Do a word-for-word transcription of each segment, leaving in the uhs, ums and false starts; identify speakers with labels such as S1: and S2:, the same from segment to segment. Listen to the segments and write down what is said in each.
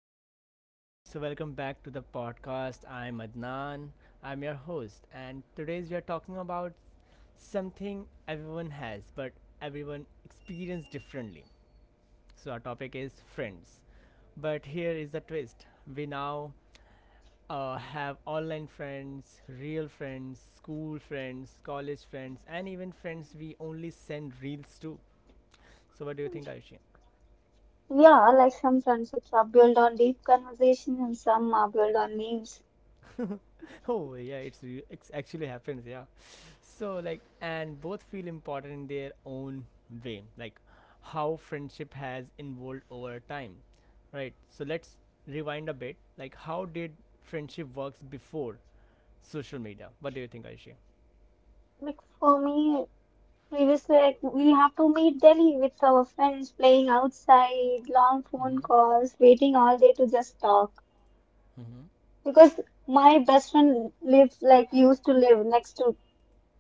S1: Hello, everyone. So, welcome back to the podcast. I'm Adnan. I'm your host. And today we are talking about something everyone has, but everyone experiences differently. So, our topic is friends. But here is the twist we now uh, have online friends, real friends, school friends, college friends, and even friends we only send reels to. So, what do you think, Ayushi?
S2: Yeah, like some friendships are built on deep conversation and some are built on memes.
S1: Oh yeah, it's re- it's actually happens, yeah. So like, and both feel important in their own way, like how friendship has evolved over time, right? So let's rewind a bit, like how did friendship works before social media? What do you think, Aishi?
S2: Like for me, previously, like we have to meet daily with our friends, playing outside, long
S1: Mm-hmm.
S2: phone calls, waiting all day to just talk.
S1: Mm-hmm.
S2: Because my best friend lives like used to live next to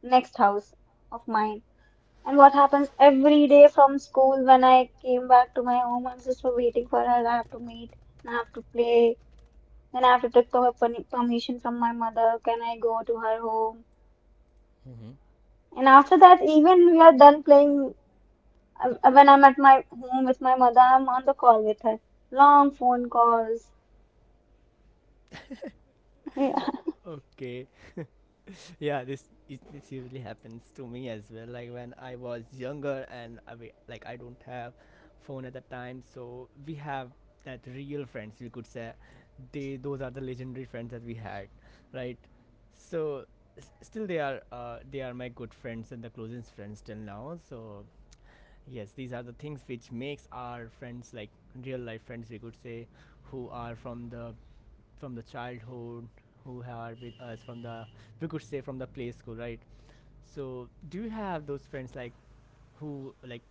S2: next house of mine. And what happens every day from school when I came back to my home, I'm just waiting for her. I have to meet, and I have to play. Then I have to take the per- permission from my mother. Can I go to her home?
S1: Mm-hmm.
S2: And after that, even we are done playing, um, uh, when I'm at my home with my mother, I'm on the call with her. Long phone calls.
S1: Okay, yeah, this it, this usually happens to me as well, like when I was younger and I, wa- like I don't have phone at the time, so we have that real friends, we could say. They, those are the legendary friends that we had, right? So s- still they are uh, they are my good friends and the closest friends till now. So yes, these are the things which makes our friends like real life friends, we could say, who are from the from the childhood, who are with us from the, we could say, from the play school, right? So do you have those friends, like, who, like,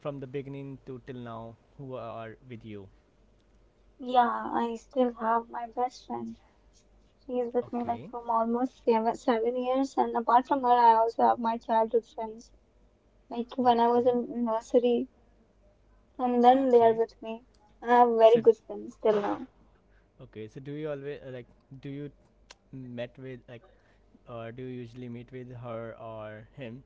S1: from the beginning to till now who are with you?
S2: Yeah, I still have my best friend. She is with me like
S1: Okay.
S2: from almost seven, seven years, and apart from her, I also have my childhood friends. Like when I was
S1: Okay.
S2: in nursery, from then they are
S1: Okay.
S2: with me. And I have very
S1: So
S2: good friends till now.
S1: okay, so do you always uh, like, do you met with, like, or do you usually meet with her or him?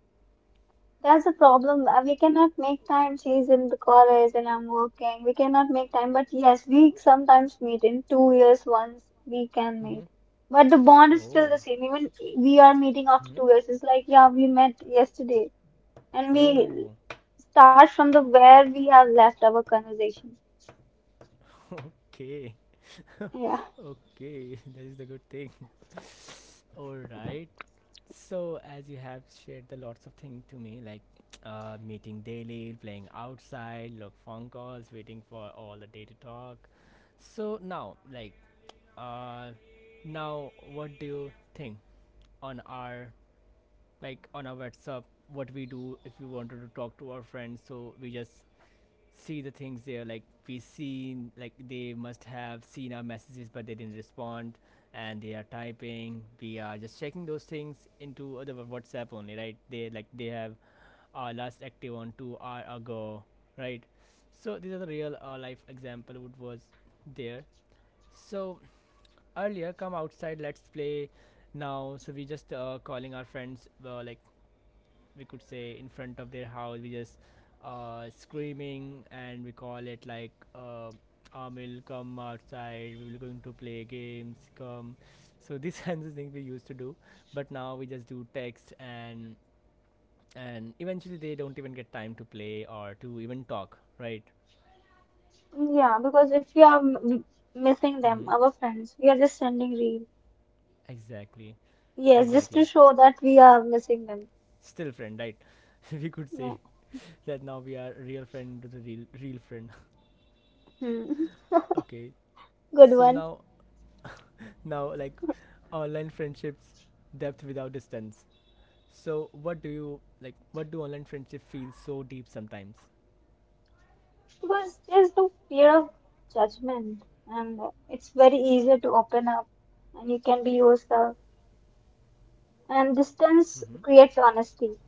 S2: That's the problem. Uh, We cannot make time. She's in the college and I'm working. We cannot make time. But yes, we sometimes meet in two years once we can
S1: Mm-hmm.
S2: meet. But the bond is still
S1: Oh,
S2: the same. Even we are meeting after
S1: mm-hmm.
S2: two years. It's like, yeah, we met yesterday. And we
S1: Oh,
S2: start from the where we have left our conversation.
S1: okay.
S2: Yeah.
S1: Okay. That is the good thing. All right. So, as you have shared the lots of things to me, like uh, meeting daily, playing outside, log phone calls, waiting for all the day to talk. So now, like, uh, now what do you think on our, like on our WhatsApp? What we do if we wanted to talk to our friends? So we just see the things there, like we seen, like they must have seen our messages but they didn't respond, and they are typing. We are just checking those things into other WhatsApp only, right? They, like they have our last active on two hour ago, right? So these are the real uh, life example what was there. So earlier, come outside, let's play. Now so we just uh, calling our friends uh, like, we could say in front of their house, we just uh, screaming and we call it like, uh, Amil, come outside, we will going to play games, come. So these kinds of things we used to do, but now we just do text and and eventually they don't even get time to play or to even talk, right?
S2: Yeah, because if we are m m- missing them,
S1: Mm-hmm.
S2: our friends, we are just sending reels.
S1: Exactly.
S2: Yes, just to
S1: Exactly.
S2: show that we are missing them.
S1: Still friend, right? We could say
S2: Yeah.
S1: that now we are real friend to the real real friend.
S2: Hmm.
S1: Okay.
S2: Good
S1: So
S2: one.
S1: now, now, like online friendships, depth without distance. So what do you, like, what do online friendship feel so deep sometimes?
S2: Because there's no fear of judgment, and it's very easy to open up, and you can be yourself, and distance
S1: Mhm.
S2: creates honesty.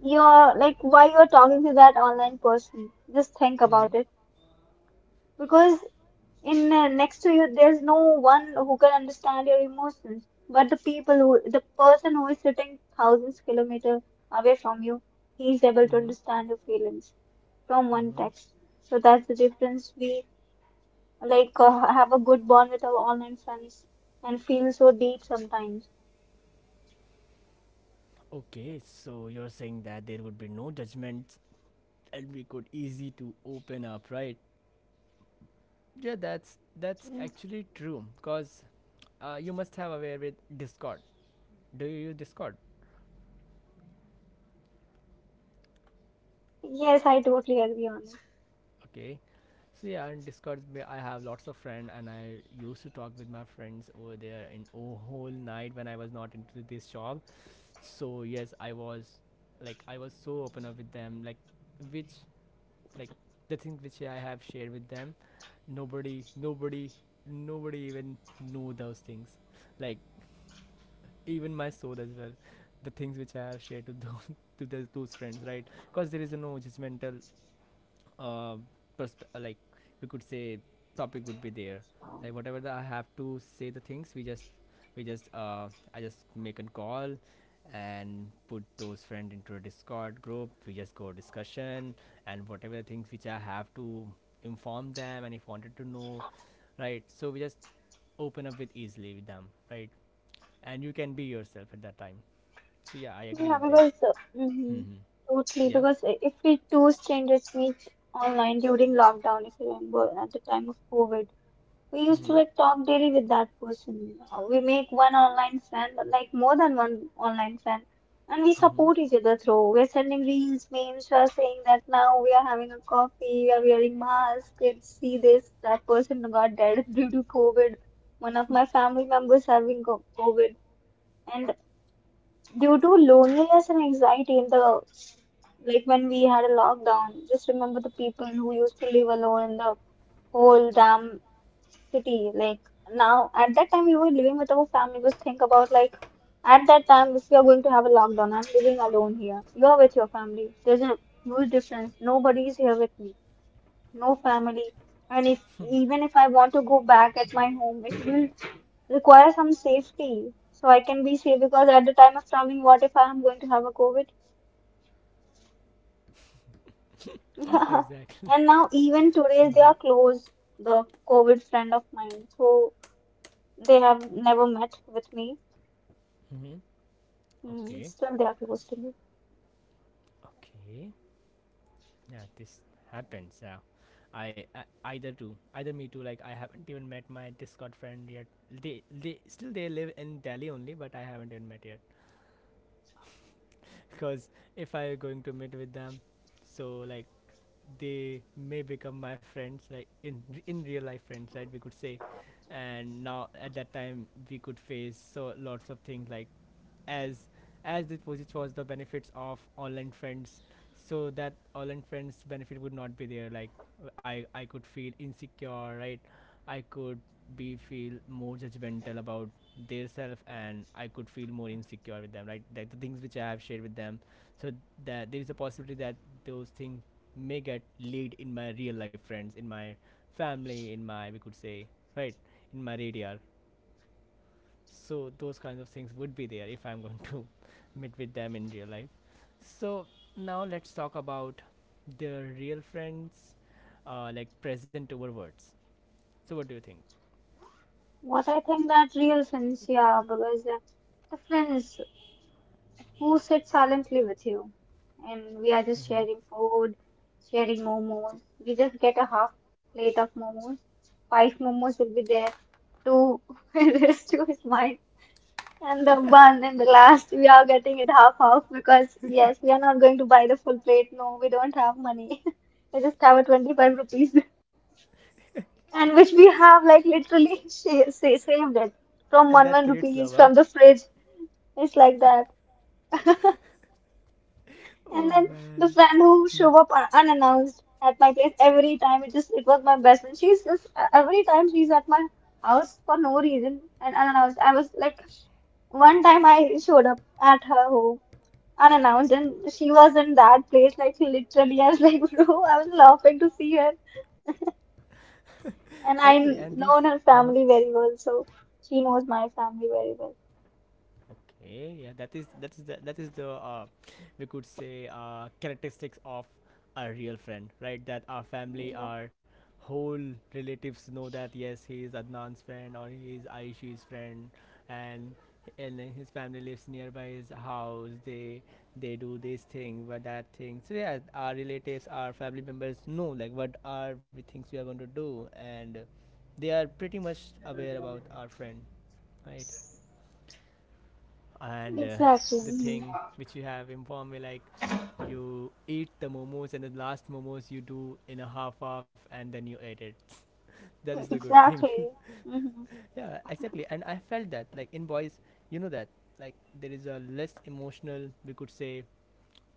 S2: You're like, why you're talking to that online person? Just think
S1: Mm-hmm.
S2: about it. Because in uh, next to you there's no one who can understand your emotions, but the people who the person who is sitting thousands kilometer away from you, he's able to
S1: Mm-hmm.
S2: understand your feelings from one
S1: Mm-hmm.
S2: text. So that's the difference we like uh, have a good bond with our online friends and feel so deep sometimes.
S1: Okay, so you're saying that there would be no judgments and we could easy to open up, right? Yeah, that's that's actually true because uh, you must have aware with Discord. Do you use Discord?
S2: Yes, I totally agree on it.
S1: Okay. So yeah, in Discord, ba- I have lots of friends, and I used to talk with my friends over there in o- whole night when I was not into this job. So yes, I was, like, I was so open up with them, like, which, like, the thing which I have shared with them, nobody, nobody, nobody even knew those things, like even my soul as well, the things which I have shared to those to those, those friends, right? Because there is no judgmental uh, persp- uh, like, we could say, topic would be there. Like whatever the, I have to say, the things we just, we just uh, I just make a call and put those friend into a Discord group, we just go discussion, and whatever the things which I have to inform them, and if wanted to know, right? So we just open up with easily with them, right? And you can be yourself at that time. So yeah, I agree
S2: Yeah,
S1: with this.
S2: because uh, mhm,
S1: Hmm.
S2: totally.
S1: Yeah.
S2: Because i- if we two strangers meet online during lockdown, if you remember at the time of COVID. We used to
S1: Hmm.
S2: like talk daily with that person. Uh, We make one online friend, but like more than one online friend, and we
S1: Hmm.
S2: support each other through. We're sending reels, memes. We're saying that now we are having a coffee. We are wearing masks. Kids see this. That person got dead due to COVID. One of my family members having co- COVID, and due to loneliness and anxiety in the like when we had a lockdown. Just remember the people who used to live alone in the whole damn city. Like now at that time we were living with our family. Just think about, like at that time, if you are going to have a lockdown, I'm living alone here, you're with your family, there's a huge difference. Nobody is here with me, no family. And if, even if I want to go back at my home, it will require some safety, so I can be safe, because at the time of traveling, what if I am going to have a COVID? Yeah.
S1: Exactly.
S2: And now, even today, they
S1: Hmm.
S2: are close, the COVID friend of mine. So they have never met with me.
S1: Hmm.
S2: Mm,
S1: Okay,
S2: still they are close to me.
S1: okay. Yeah, this happens. Yeah, I, I either too, either me too. Like I haven't even met my Discord friend yet. They they still they live in Delhi only, but I haven't even met yet. Because if I going to meet with them, so like they may become my friends, like in in real life friends, right? We could say. And now at that time we could face so lots of things, like as as the positive was the benefits of online friends, so that online friends benefit would not be there, like I I could feel insecure, right? I could be feel more judgmental about their self, and I could feel more insecure with them, right? Like the things which I have shared with them, so that there is a possibility that those things may get lead in my real life friends, in my family, in my, we could say, right, in my radar. So those kinds of things would be there if I'm going to meet with them in real life. So now let's talk about the real friends, uh, like present over words. So what do you think?
S2: What I think that real friends, yeah, because uh, the friends who sit silently with you, and we are just
S1: Mm-hmm.
S2: sharing food, sharing momos. We just get a half plate of momos. Five momos will be there, two rest to his mind, and the one and the last we are getting it half half, because yes, we are not going to buy the full plate. No, we don't have money. I just have a twenty-five rupees. And which we have like literally sa- sa- saved it from
S1: And
S2: one
S1: that
S2: one
S1: creates love,
S2: rupees
S1: huh?
S2: from the fridge. It's like that. And
S1: Oh
S2: then the
S1: man.
S2: friend who
S1: Mm.
S2: show up un- unannounced at my place every time. It just it was my best friend. She's just uh, every time she's at my house for no reason and unannounced. I was like one time I showed up at her home unannounced and she was in that place like literally I was like bro, I was laughing to see her, and I
S1: Exactly, and these.
S2: known her
S1: Uh-huh.
S2: family very well, so she knows my family very well.
S1: Okay, yeah, that is that is the that is the uh, we could say uh, characteristics of a real friend, right? That our family,
S2: Yeah.
S1: our whole relatives know that yes, he is Adnan's friend or he is Aishi's friend, and and his family lives nearby his house. They they do this thing, but that thing. So yeah, our relatives, our family members know like what are the things we are going to do, and they are pretty much aware about our friend, right? And uh,
S2: Exactly.
S1: the
S2: Hmm.
S1: thing which you have informed me, like, you eat the momos and the last momos you do in a half half and then you ate it, that is the good thing.
S2: Exactly. Hmm.
S1: Yeah, exactly. And I felt that like in boys, you know that, like, there is a less emotional, we could say,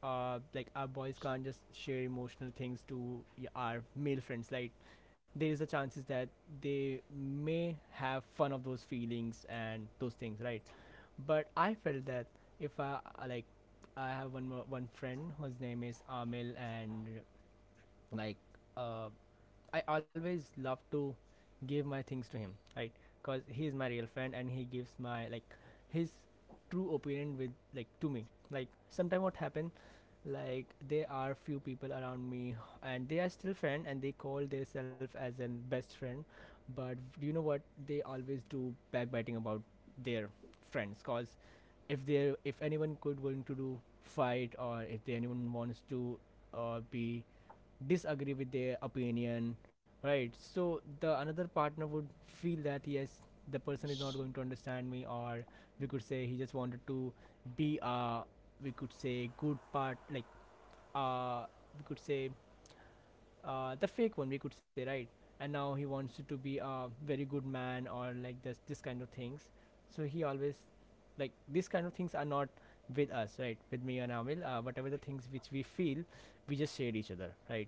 S1: uh, like, our boys can't just share emotional things to y- our male friends, like there is a chances that they may have fun of those feelings and those things, right? But I felt that if I I like, I have one mo- one friend whose name is Amil, and like, uh, I always love to give my things to him, right? Cause he is my real friend and he gives my, like, his true opinion with like to me. Like sometime what happened, like there are few people around me and they are still friend and they call themselves as an best friend, but do you know what, they always do backbiting about their friends? Cause if they if anyone could willing to do fight, or if they anyone wants to uh, be disagree with their opinion, right? So the another partner would feel that yes, the person is not going to understand me, or we could say he just wanted to be a, we could say, good part, like uh we could say, uh, the fake one, we could say, right? And now he wants to be a very good man or like this this kind of things. So he always, like, these kind of things are not with us, right, with me and Amil. Uh, whatever the things which we feel, we just share each other, right?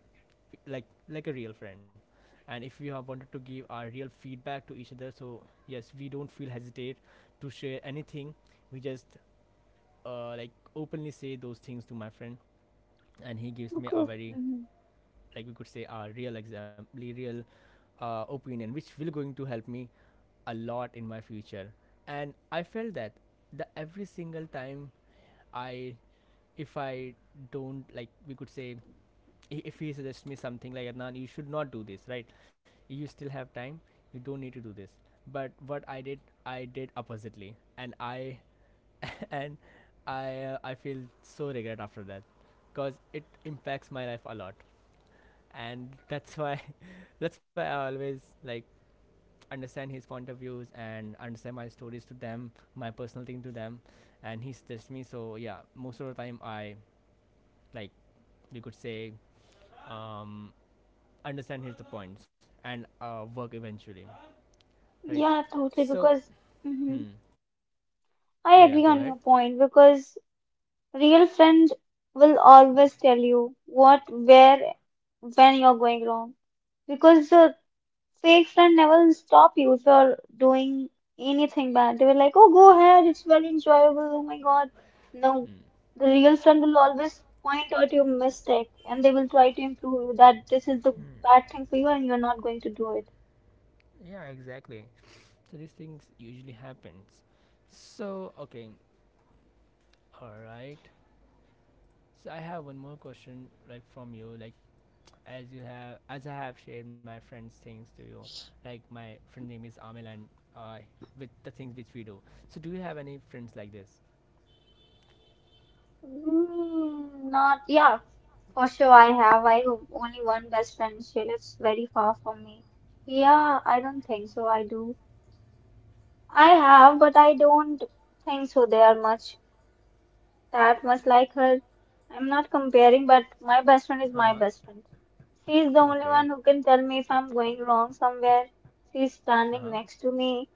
S1: like like a real friend. And if we have wanted to give our real feedback to each other, so yes we don't feel hesitate to share anything. We just uh, like openly say those things to my friend, and he gives me a
S2: Because,
S1: very,
S2: hmm,
S1: like we could say, a real example, real uh, opinion which will going to help me a lot in my future. And I felt that the every single time I if I don't, like we could say, i- if he suggests me something, like, Adnan, you should not do this, right? You still have time, you don't need to do this. But what I did, I did oppositely, and I and I uh, I feel so regret after that because it impacts my life a lot. And that's why that's why I always, like, understand his point of views and understand my stories to them, my personal thing to them, and he suggests me. So yeah, most of the time I, like, you could say, um, understand his the points, and uh, work eventually, right?
S2: yeah, totally.
S1: So
S2: Because, hmm,
S1: hmm,
S2: I
S1: yeah, yeah,
S2: agree
S1: go
S2: on your
S1: ahead.
S2: point. Because real friend will always tell you what, where, when you're going wrong. Because the fake friend never stop you if you're doing anything bad. They were like, oh, go ahead, it's very enjoyable. Oh my God. No,
S1: Hmm.
S2: the real friend will always point out your mistake and they will try to improve you that this is the bad thing for you and you're not going to do it.
S1: Yeah, exactly. So these things usually happens. So okay, all right. So I have one more question like from you, like as you have as I have shared my friends' things to you, like my friend name is Amel and uh, with the things which we do. So do you have any friends like this?
S2: Mm, not, yeah, for sure I have. I have only one best friend. She lives very far from me. Yeah, I don't think so. I do. I have, but I don't think so. They are much. That much like her. I'm not comparing, but my best friend is
S1: Uh
S2: my
S1: huh.
S2: best friend. She is the only
S1: Okay.
S2: one who can tell me if I'm going wrong somewhere. She's
S1: Uh huh.
S2: standing next to me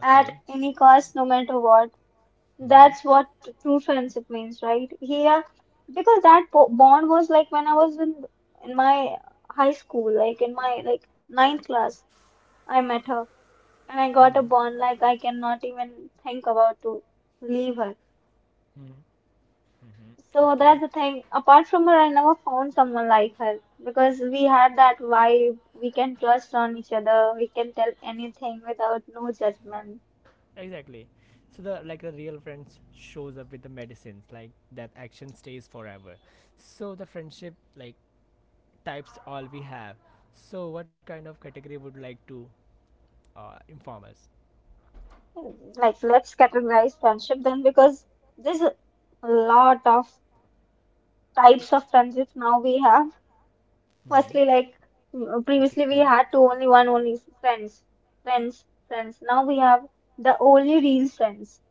S2: at
S1: Okay.
S2: any cost, no matter what.
S1: Mm-hmm.
S2: That's what true friendship means, right? Here, because that bo- bond was like when I was in in my high school, like in my like ninth class, I met her and I
S1: Mm-hmm.
S2: got a bond like I cannot even think about to leave her.
S1: Mm-hmm. Mm-hmm.
S2: So that's
S1: Okay.
S2: the thing. Apart from her, I never found someone like her because we had that vibe. We can trust on each other. We can tell anything without no judgment.
S1: Exactly. So the like the real friends shows up with the medicines, like that action stays forever. So the friendship like types all we have. So what kind of category would like to uh, inform us?
S2: Like, let's categorize friendship then, because there's a lot of types of friendships now we have.
S1: Mm-hmm.
S2: Firstly, like mm, previously
S1: Okay.
S2: we had two only one only friends, friends, friends. Now we have the only real friends.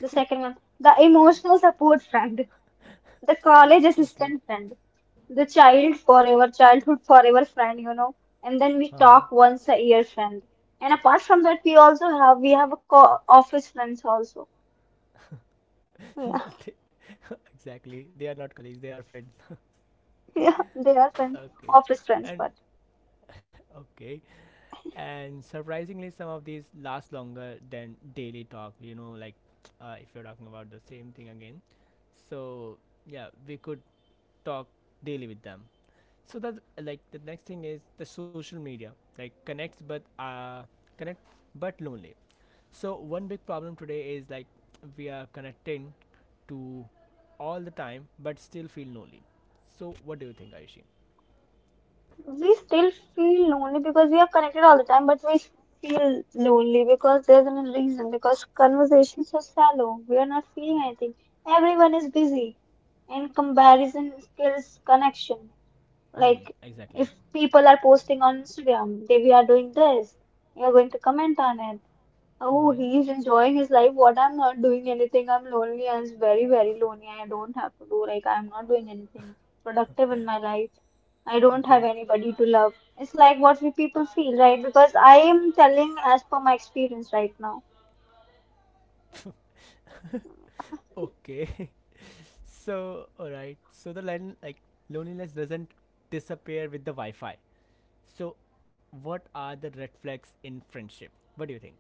S2: The second one, the emotional support friend. The college
S1: Okay.
S2: assistant friend, the child forever, childhood forever friend, you know, and then
S1: Uh
S2: we
S1: huh.
S2: talk once a year friend. And apart from that, we also have we have a co office friends also. Yeah.
S1: They- no, exactly, they are not colleagues, they are friends.
S2: Yeah, they are friends,
S1: Okay,
S2: office friends,
S1: and
S2: but
S1: okay and surprisingly, some of these last longer than daily talk you know like uh, if you're talking about the same thing again, so yeah, we could talk daily with them, so that, like, the next thing is the social media, like, connects but uh connect but lonely. So one big problem today is, like, we are connecting to all the time but still feel lonely. So what do you think, Ayushi?
S2: we still feel lonely because we are connected all the time, but we feel lonely because there's no reason, because conversations are shallow. We are not feeling anything. Everyone is busy, and comparison kills connection.
S1: Hmm,
S2: Like
S1: exactly.
S2: if people are posting on Instagram, they we are doing this, you're going to comment on it. Oh,
S1: Hmm,
S2: he is enjoying his life. What I'm not doing anything. I'm lonely. I'm very, very lonely. I don't have to do like I'm not doing anything productive in my life. I don't have
S1: okay.
S2: anybody to love. It's like what we people feel, right? Because I am telling as per my experience right now.
S1: Okay. So all right, so the line, like, loneliness doesn't disappear with the wi-fi. So what are the red flags in friendship? What do you think?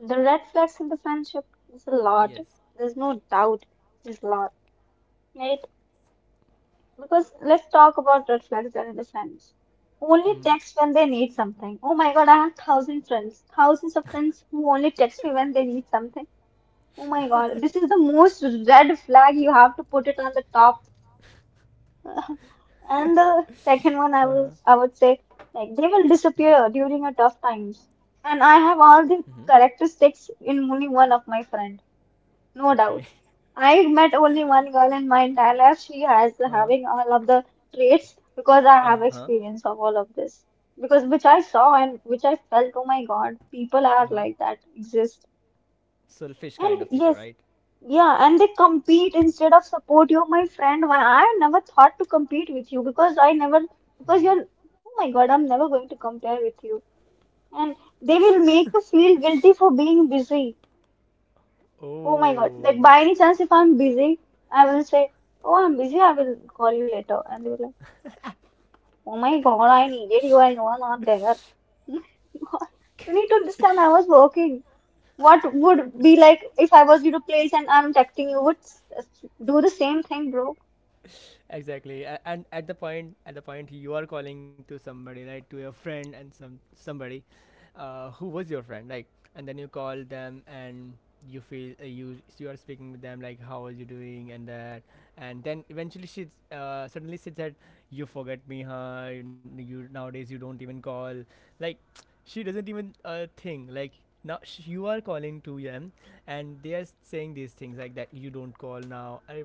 S2: The red flags in the friendship is a lot.
S1: Yes.
S2: There's no doubt. There's a lot. Right? Because let's talk about red flags that the friends.
S1: Mm-hmm.
S2: Only text when they need something. Oh my god, I have thousand friends, thousands of friends who only text me when they need something. Oh my god, this is the most red flag. You have to put it on the top. And the second one, I
S1: Uh-huh.
S2: will, I would say, like they will disappear during a tough times. And I have all the
S1: Mm-hmm.
S2: characteristics in only one of my friend. No
S1: Okay.
S2: doubt. I met only one girl in my entire life. She has
S1: Uh-huh.
S2: having all of the traits, because I
S1: Uh
S2: have
S1: huh.
S2: experience of all of this. Because which I saw and which I felt, oh my God, people
S1: Uh
S2: are
S1: huh.
S2: like that, exist.
S1: Selfish
S2: And
S1: kind of people,
S2: yes,
S1: right?
S2: yeah, and they compete instead of support. You're my friend. Why I never thought to compete with you? Because I never, because you're, oh my God, I'm never going to compare with you. And they will make you feel guilty for being busy. Oh my God. Like
S1: Oh.
S2: by any chance, if I'm busy, I will say, oh, I'm busy, I will call you later. And they were like, oh my God, I needed you. I know I'm not there. You need to understand I was working. What would be like if I was your place and I'm texting you would s- s- do the same thing, bro.
S1: Exactly. A- and at the point at the point you are calling to somebody, right, to your friend, and some somebody uh, who was your friend, like, and then you call them and you feel uh, you you are speaking with them, like, how are you doing, and that, and then eventually she uh, suddenly she said, you forget me, huh? You, you nowadays you don't even call, like, she doesn't even uh, think, like, now sh- you are calling to them and they are saying these things like that you don't call. Now I,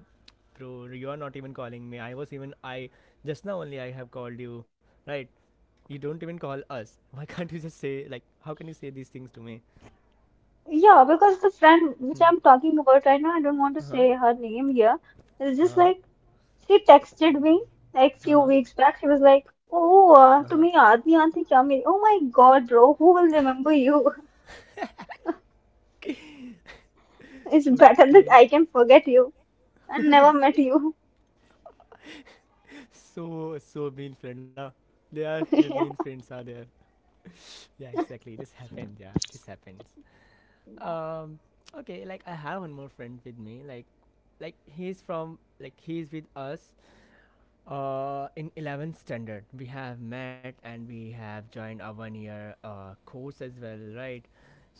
S1: bro, you are not even calling me. I was even I just now only I have called you, right? You don't even call us. Why can't you just say, like, how can you say these things to me?
S2: Yeah, because the friend which
S1: Hmm.
S2: I'm talking about right now, I don't want to
S1: Uh-huh.
S2: say her name here. It's just
S1: Uh-huh.
S2: like she texted me like few
S1: Uh-huh.
S2: weeks back. She was like, "Oh, uh,
S1: Uh-huh.
S2: तुम्हें याद नहीं आती क्या मेरी? Oh my God, bro, who will remember you? It's better that
S1: Okay.
S2: I can forget you and never met you."
S1: So so mean friend, huh? They are your mean friends, are there. Yeah, exactly. This happens. Yeah. This happens.
S2: Yeah.
S1: Um okay, like, I have one more friend with me, like like he's from, like he's with us. Uh, in eleventh standard, we have met, and we have joined a one year uh, course as well, right?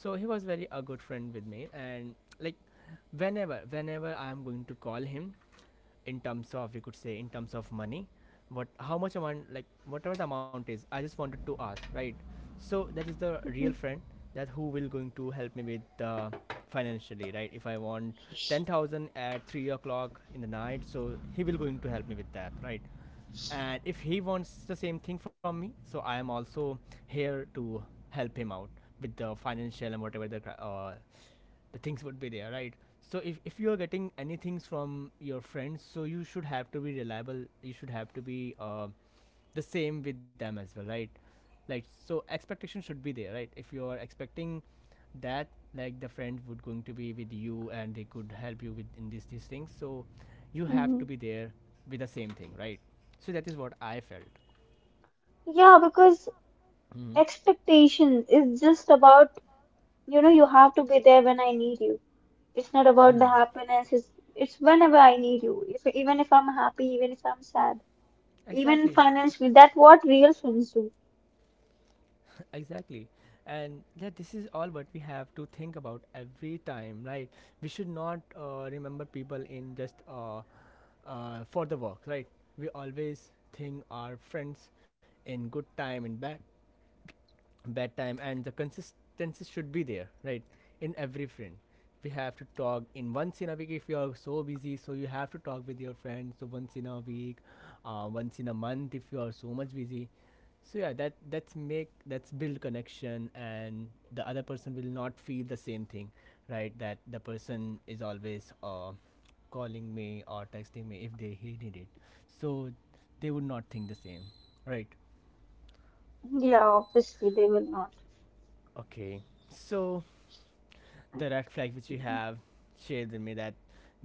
S1: So he was very a good friend with me, and, like, whenever whenever I am going to call him in terms of we could say in terms of money, what how much amount, like whatever the amount is, I just wanted to ask, right? So that is the real
S2: Mhm.
S1: friend, that who will going to help me with uh, financially, right? If I want ten thousand at three o'clock in the night, so he will going to help me with that, right? And if he wants the same thing from me, so I am also here to help him out with the financial and whatever the cri- uh, the things would be there, right? So if, if you are getting any things from your friends, so you should have to be reliable, you should have to be uh, the same with them as well, right? Like, so expectation should be there, right? If you are expecting that, like, the friend would going to be with you and they could help you with, in these these things, so you have to
S2: Mhm.
S1: be there with the same thing, right? So that is what I felt.
S2: Yeah, because
S1: Hmm.
S2: expectation is just about, you know, you have to be there when I need you. It's not about the
S1: Hmm,
S2: happiness, it's it's whenever I need you. If even if I'm happy, even if I'm sad, even
S1: exactly.
S2: financially, that's what real friends do.
S1: Exactly. And yeah, this is all what we have to think about every time, right? We should not uh, remember people in just uh, uh, for the work, right? We always think our friends in good time and bad bad time, and the consistency should be there, right, in every friend. We have to talk in once in a week. If you are so busy, so you have to talk with your friends so once in a week, uh, once in a month, if you are so much busy. So yeah, that that's make that's build connection, and the other person will not feel the same thing, right, that the person is always uh, calling me or texting me if they he need it. So they would not think the same, right?
S2: Yeah, obviously they will not.
S1: Okay, so the red flag which you have shared with me, that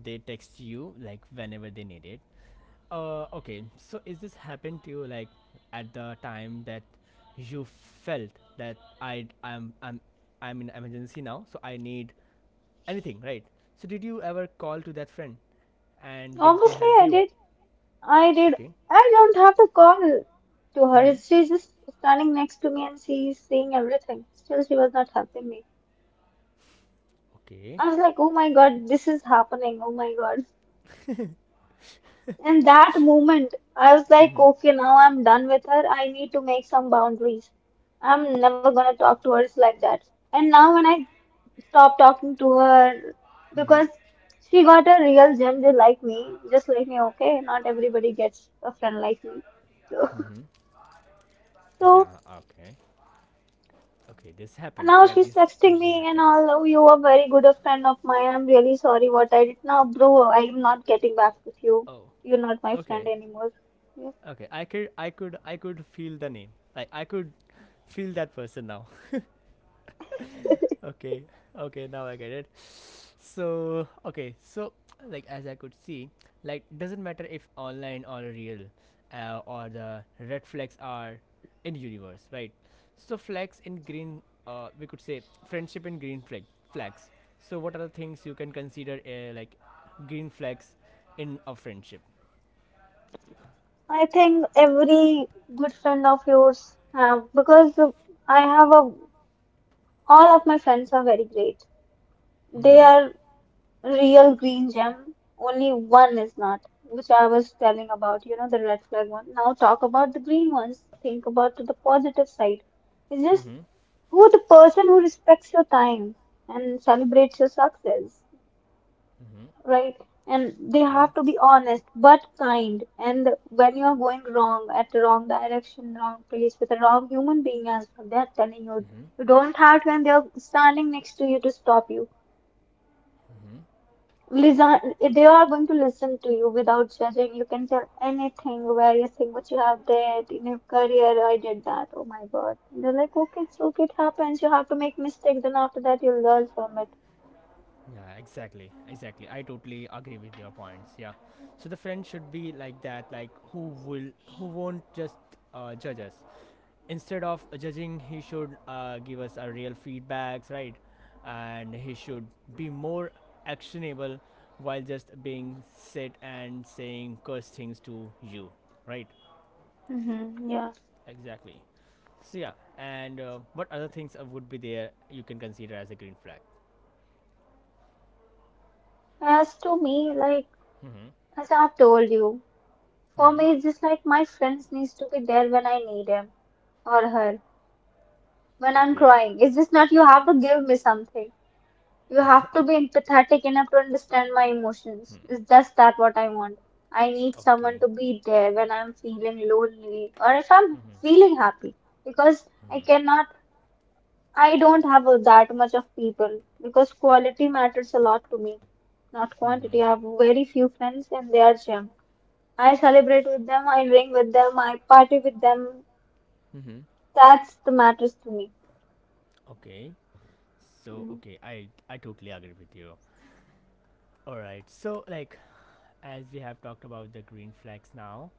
S1: they text you, like, whenever they need it. Uh, okay, so is this happened to you, like, at the time that you felt that I I'm I'm I'm in emergency now, so I need anything, right? So did you ever call to that friend, and did they
S2: Obviously,
S1: help
S2: I
S1: you?
S2: did. I did.
S1: Okay.
S2: I don't have to call to
S1: Mm-hmm.
S2: her. She's just standing next to me and she's seeing everything. Still, she was not helping me.
S1: Okay.
S2: I was like, "Oh my God, this is happening. Oh my God." In that moment, I was like,
S1: Mm-hmm.
S2: "Okay, now I'm done with her. I need to make some boundaries. I'm never gonna talk to her like that." And now, when I stopped talking to her,
S1: Mm-hmm.
S2: because she got a real gender like me, just like me, okay? Not everybody gets a friend like me.
S1: Mm-hmm.
S2: So
S1: Yeah. Okay. Okay. This
S2: now
S1: happens. Yeah.
S2: she's
S1: This
S2: texting
S1: usually
S2: me and all.
S1: happens.
S2: "Oh, you are very good a friend of mine. I'm really sorry what I did. Now, bro, I'm not getting back with you.
S1: Oh.
S2: You're not my friend
S1: Okay.
S2: anymore." Yeah.
S1: Okay, I could, I could, I could feel the name. Like, I could feel that person now. Okay, okay, now I get it. So okay, so, like, as I could see, like, doesn't matter if online or real, uh, or the red flags are in universe, right? So flags in green, uh, we could say friendship in green flag flags. So what are the things you can consider, uh, like, green flags in a friendship?
S2: I think every good friend of yours have, because I have a all of my friends are very great. They
S1: Mm-hmm.
S2: are real green gem. Only one is not, which I was telling about, you know, the red flag one. Now talk about the green ones. Think about the positive side. It's just
S1: Mm-hmm.
S2: who the person who respects your time and celebrates your success,
S1: Mm-hmm.
S2: right? And they
S1: Okay.
S2: have to be honest but kind. And when you are going wrong at the wrong direction, wrong place with a wrong human being as well, they are telling you
S1: Mm-hmm.
S2: you don't have to, and they are standing next to you to stop you.
S1: Mm-hmm.
S2: Listen, they are going to listen to you without judging. You can tell anything, various thing what you have did in your career. I did that. Oh my God. And they're like, "Okay, it's okay. It happens. You have to make mistakes. Then after that, you learn from it."
S1: Yeah, exactly. Exactly. I totally agree with your points. Yeah. So the friend should be like that, like who will who won't just uh, judge us. Instead of judging, he should uh, give us a real feedbacks, right? And he should be more actionable while just being sit and saying curse things to you, right?
S2: Mm-hmm. Yeah.
S1: Exactly. So yeah, and uh, what other things uh, would be there you can consider as a green flag?
S2: As to me, like
S1: Mm-hmm.
S2: as I've told you, for
S1: Mm-hmm.
S2: me it's just like my friends needs to be there when I need him or her. When I'm
S1: Okay.
S2: crying. It's just not you have to give me something. You have to be empathetic enough to understand my emotions. It's just that what I want. I need someone
S1: Okay.
S2: to be there when I'm feeling lonely or if I'm
S1: Mm-hmm,
S2: feeling happy. Because I
S1: mm-hmm,
S2: cannot I don't have uh, that much of people because quality matters a lot to me, not
S1: mm-hmm,
S2: quantity. I have very few friends and they are gem. I celebrate with them, I drink with them, I party with them.
S1: mm-hmm.
S2: That's the matters to me.
S1: Okay. So
S2: Mm.
S1: okay, I I totally agree with you. All right. So, like, as we have talked about the green flags now,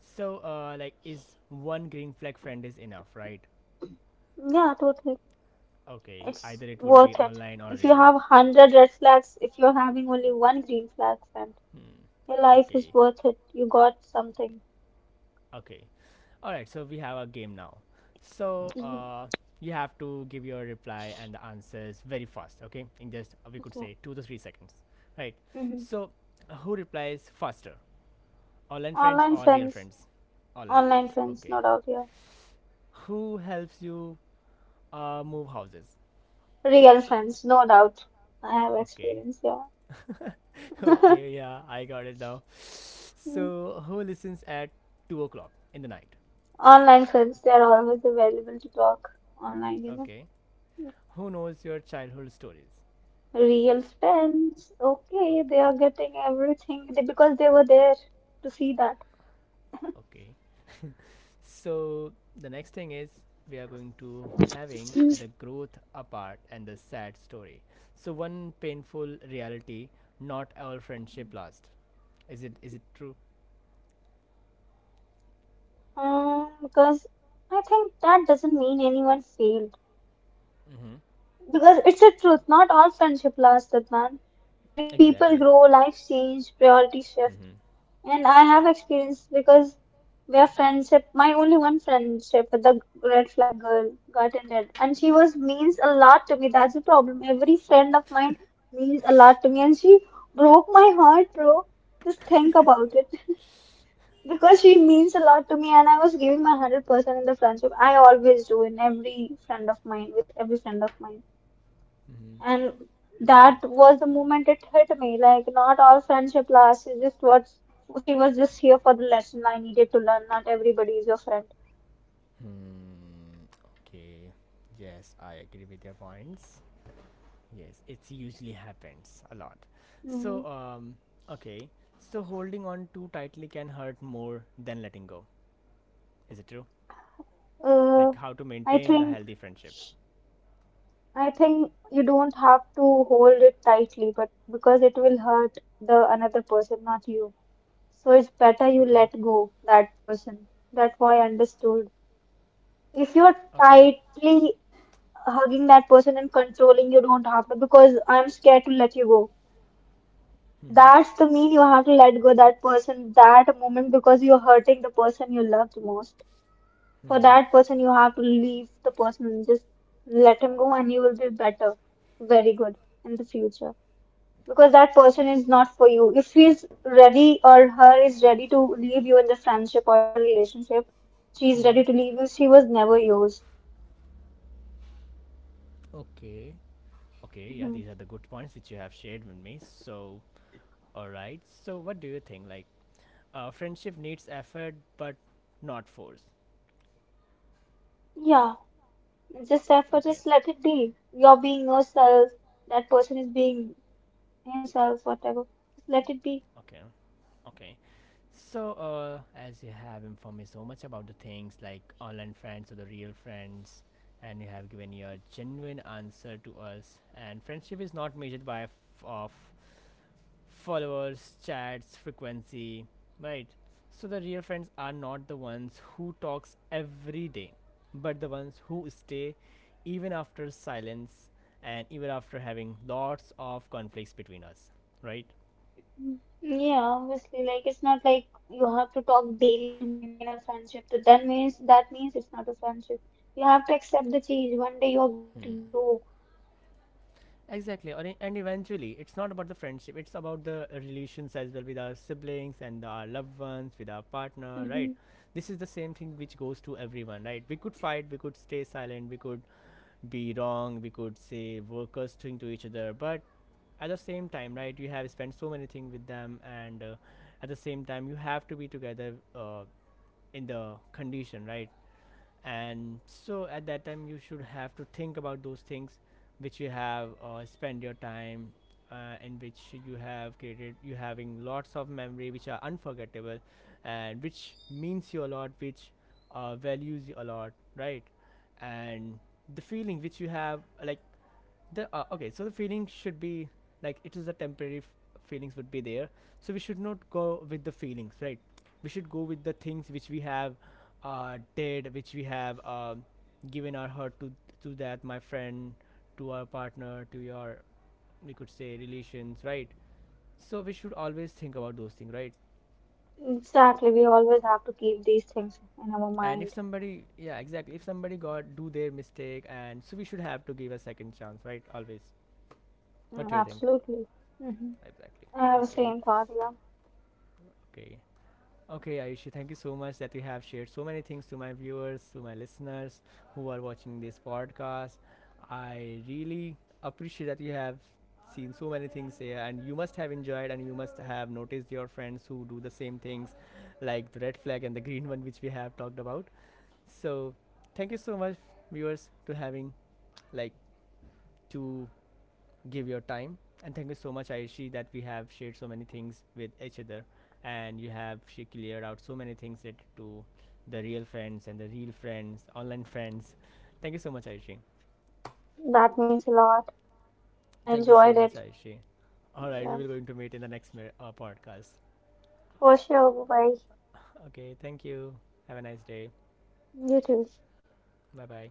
S1: so uh like, is one green flag friend is enough, right?
S2: Yeah, totally.
S1: Okay.
S2: It's
S1: Either it would be
S2: worth it.
S1: online or
S2: If you
S1: real.
S2: have one hundred red flags, if you're having only one green flag, then
S1: Hmm.
S2: your life is
S1: Okay.
S2: worth it. You got something.
S1: Okay. All right. So we have a game now. So
S2: Mhm.
S1: uh, you have to give your reply and the answers very fast. Okay, in just uh, we could
S2: Okay.
S1: say two to three seconds. Right.
S2: hmm
S1: So uh, who replies faster? Online friends
S2: Online
S1: or real
S2: friends,
S1: friends? Online
S2: online
S1: friends.
S2: friends, no
S1: Okay.
S2: doubt. Yeah.
S1: Who helps you uh, move houses?
S2: Real friends, no doubt. I have
S1: Okay.
S2: experience, yeah.
S1: Okay. Yeah, I got it now.
S2: Mm.
S1: So who listens at two o'clock in the night?
S2: Online friends, they are always available to talk online, you know.
S1: Okay.
S2: Mm.
S1: Who knows your childhood stories?
S2: Real friends, okay, they
S1: Okay.
S2: are getting everything they- because they were there to see that.
S1: Okay. So the next thing is we are going to having
S2: Mm.
S1: with the growth apart and the sad story. So one painful reality, not our friendship last. Is it is it true?
S2: Um, because I think that doesn't mean anyone failed.
S1: Mm-hmm.
S2: Because it's a truth, not all friendship lasts, Adnan. Like people
S1: Exactly.
S2: grow, life change, priorities shift.
S1: Mm-hmm.
S2: And I have experience because where friendship, my only one friendship with the red flag girl got ended, and she was means a lot to me. That's the problem. Every friend of mine means a lot to me, and she broke my heart, bro. Just think about it. Because she means a lot to me, and I was giving my one hundred percent in the friendship. I always do in every friend of mine, with every friend of mine.
S1: Mm-hmm.
S2: And that was the moment it hit me. Like, not all friendship lasts. It's just what she was just here for the lesson I needed to learn. Not everybody is your friend.
S1: Hmm. Okay. Yes, I agree with your points. Yes, it usually happens a lot. So
S2: Mm.
S1: um okay. So holding on too tightly can hurt more than letting go. Is it true?
S2: Uh,
S1: Like, how to
S2: I
S1: maintain the
S2: think
S1: healthy friendships?
S2: I think you don't have to hold it tightly, but because it will hurt the another person, not you. So it's better you
S1: Okay.
S2: let go that person. That's why I understood. If you're
S1: Okay.
S2: tightly hugging that person and controlling, you don't have to because I'm scared to let you go.
S1: Mm-hmm.
S2: That's the mean you have to let go that person that moment because you're hurting the person you love the most. For
S1: Mm-hmm.
S2: that person, you have to leave the person and just let him go, and you will be better, very good in the future. Because that person is not for you. If he's ready or her is ready to leave you in the friendship or in the relationship, she's
S1: Mm-hmm.
S2: ready to leave you. She was never yours.
S1: Okay. Okay, yeah,
S2: Mhm.
S1: these are the good points which you have shared with me, so all right, so what do you think, like, uh, friendship needs effort but not force.
S2: Yeah, just therefore,
S1: Okay.
S2: just let it be. You're being yourself. That person is being himself, whatever. Just let it be.
S1: Okay. Okay. So, uh, as you have informed me so much about the things, like online friends or the real friends, and you have given your genuine answer to us, and friendship is not measured by f- of followers, chats, frequency, right? So the real friends are not the ones who talks every day, but the ones who stay even after silence and even after having lots of conflicts between us, right?
S2: Mm. Yeah, obviously, like it's not like you have to talk daily to maintain a friendship. That that means that means it's not a friendship. You have to accept the change. One day you're going to
S1: Hmm.
S2: grow.
S1: Exactly, and e- and eventually, it's not about the friendship; it's about the relations as well, with our siblings and our loved ones, with our partner,
S2: hmm
S1: right? This is the same thing which goes to everyone, right? We could fight, we could stay silent, we could be wrong, we could say workers thing to each other, but at the same time, right? You have spent so many things with them, and uh, at the same time, you have to be together uh, in the condition, right? And so at that time you should have to think about those things which you have uh, spent your time uh, in, which you have created, you having lots of memory which are unforgettable, and which means you a lot, which uh, values you a lot, right? And the feeling which you have, like, the uh, okay, so the feeling should be, like, it is a temporary f- feelings would be there. So we should not go with the feelings, right? We should go with the things which we have uh, did, which we have um, given our heart to to that my friend, to our partner, to your, we could say, relations, right? So we should always think about those things, right?
S2: Exactly. We always have to keep these things in our
S1: And if
S2: mind.
S1: somebody, yeah, exactly, if somebody got do their mistake and so we should have to give a second chance, right, always.
S2: Mm,
S1: What do you think?
S2: absolutely. hmm
S1: Exactly.
S2: I have the
S1: Okay.
S2: same thought. Yeah,
S1: Okay. Okay, Ayushi, thank you so much that you have shared so many things to my viewers, to my listeners who are watching this podcast. I really appreciate that you have seen so many things here, and you must have enjoyed, and you must have noticed your friends who do the same things, like the red flag and the green one, which we have talked about. So, thank you so much, viewers, to having, like, to give your time. And thank you so much, Aishi, that we have shared so many things with each other. And you have she cleared out so many things related to the real friends, and the real friends, online friends. Thank you so much, Aishi.
S2: that means a lot. I
S1: Thank you so
S2: enjoyed
S1: much,
S2: it.
S1: Aishi. All right, we
S2: Yeah,
S1: will going to meet in the next mi- uh, podcast.
S2: for sure. Bye.
S1: Okay, thank you. Have a nice day.
S2: You too.
S1: Bye bye.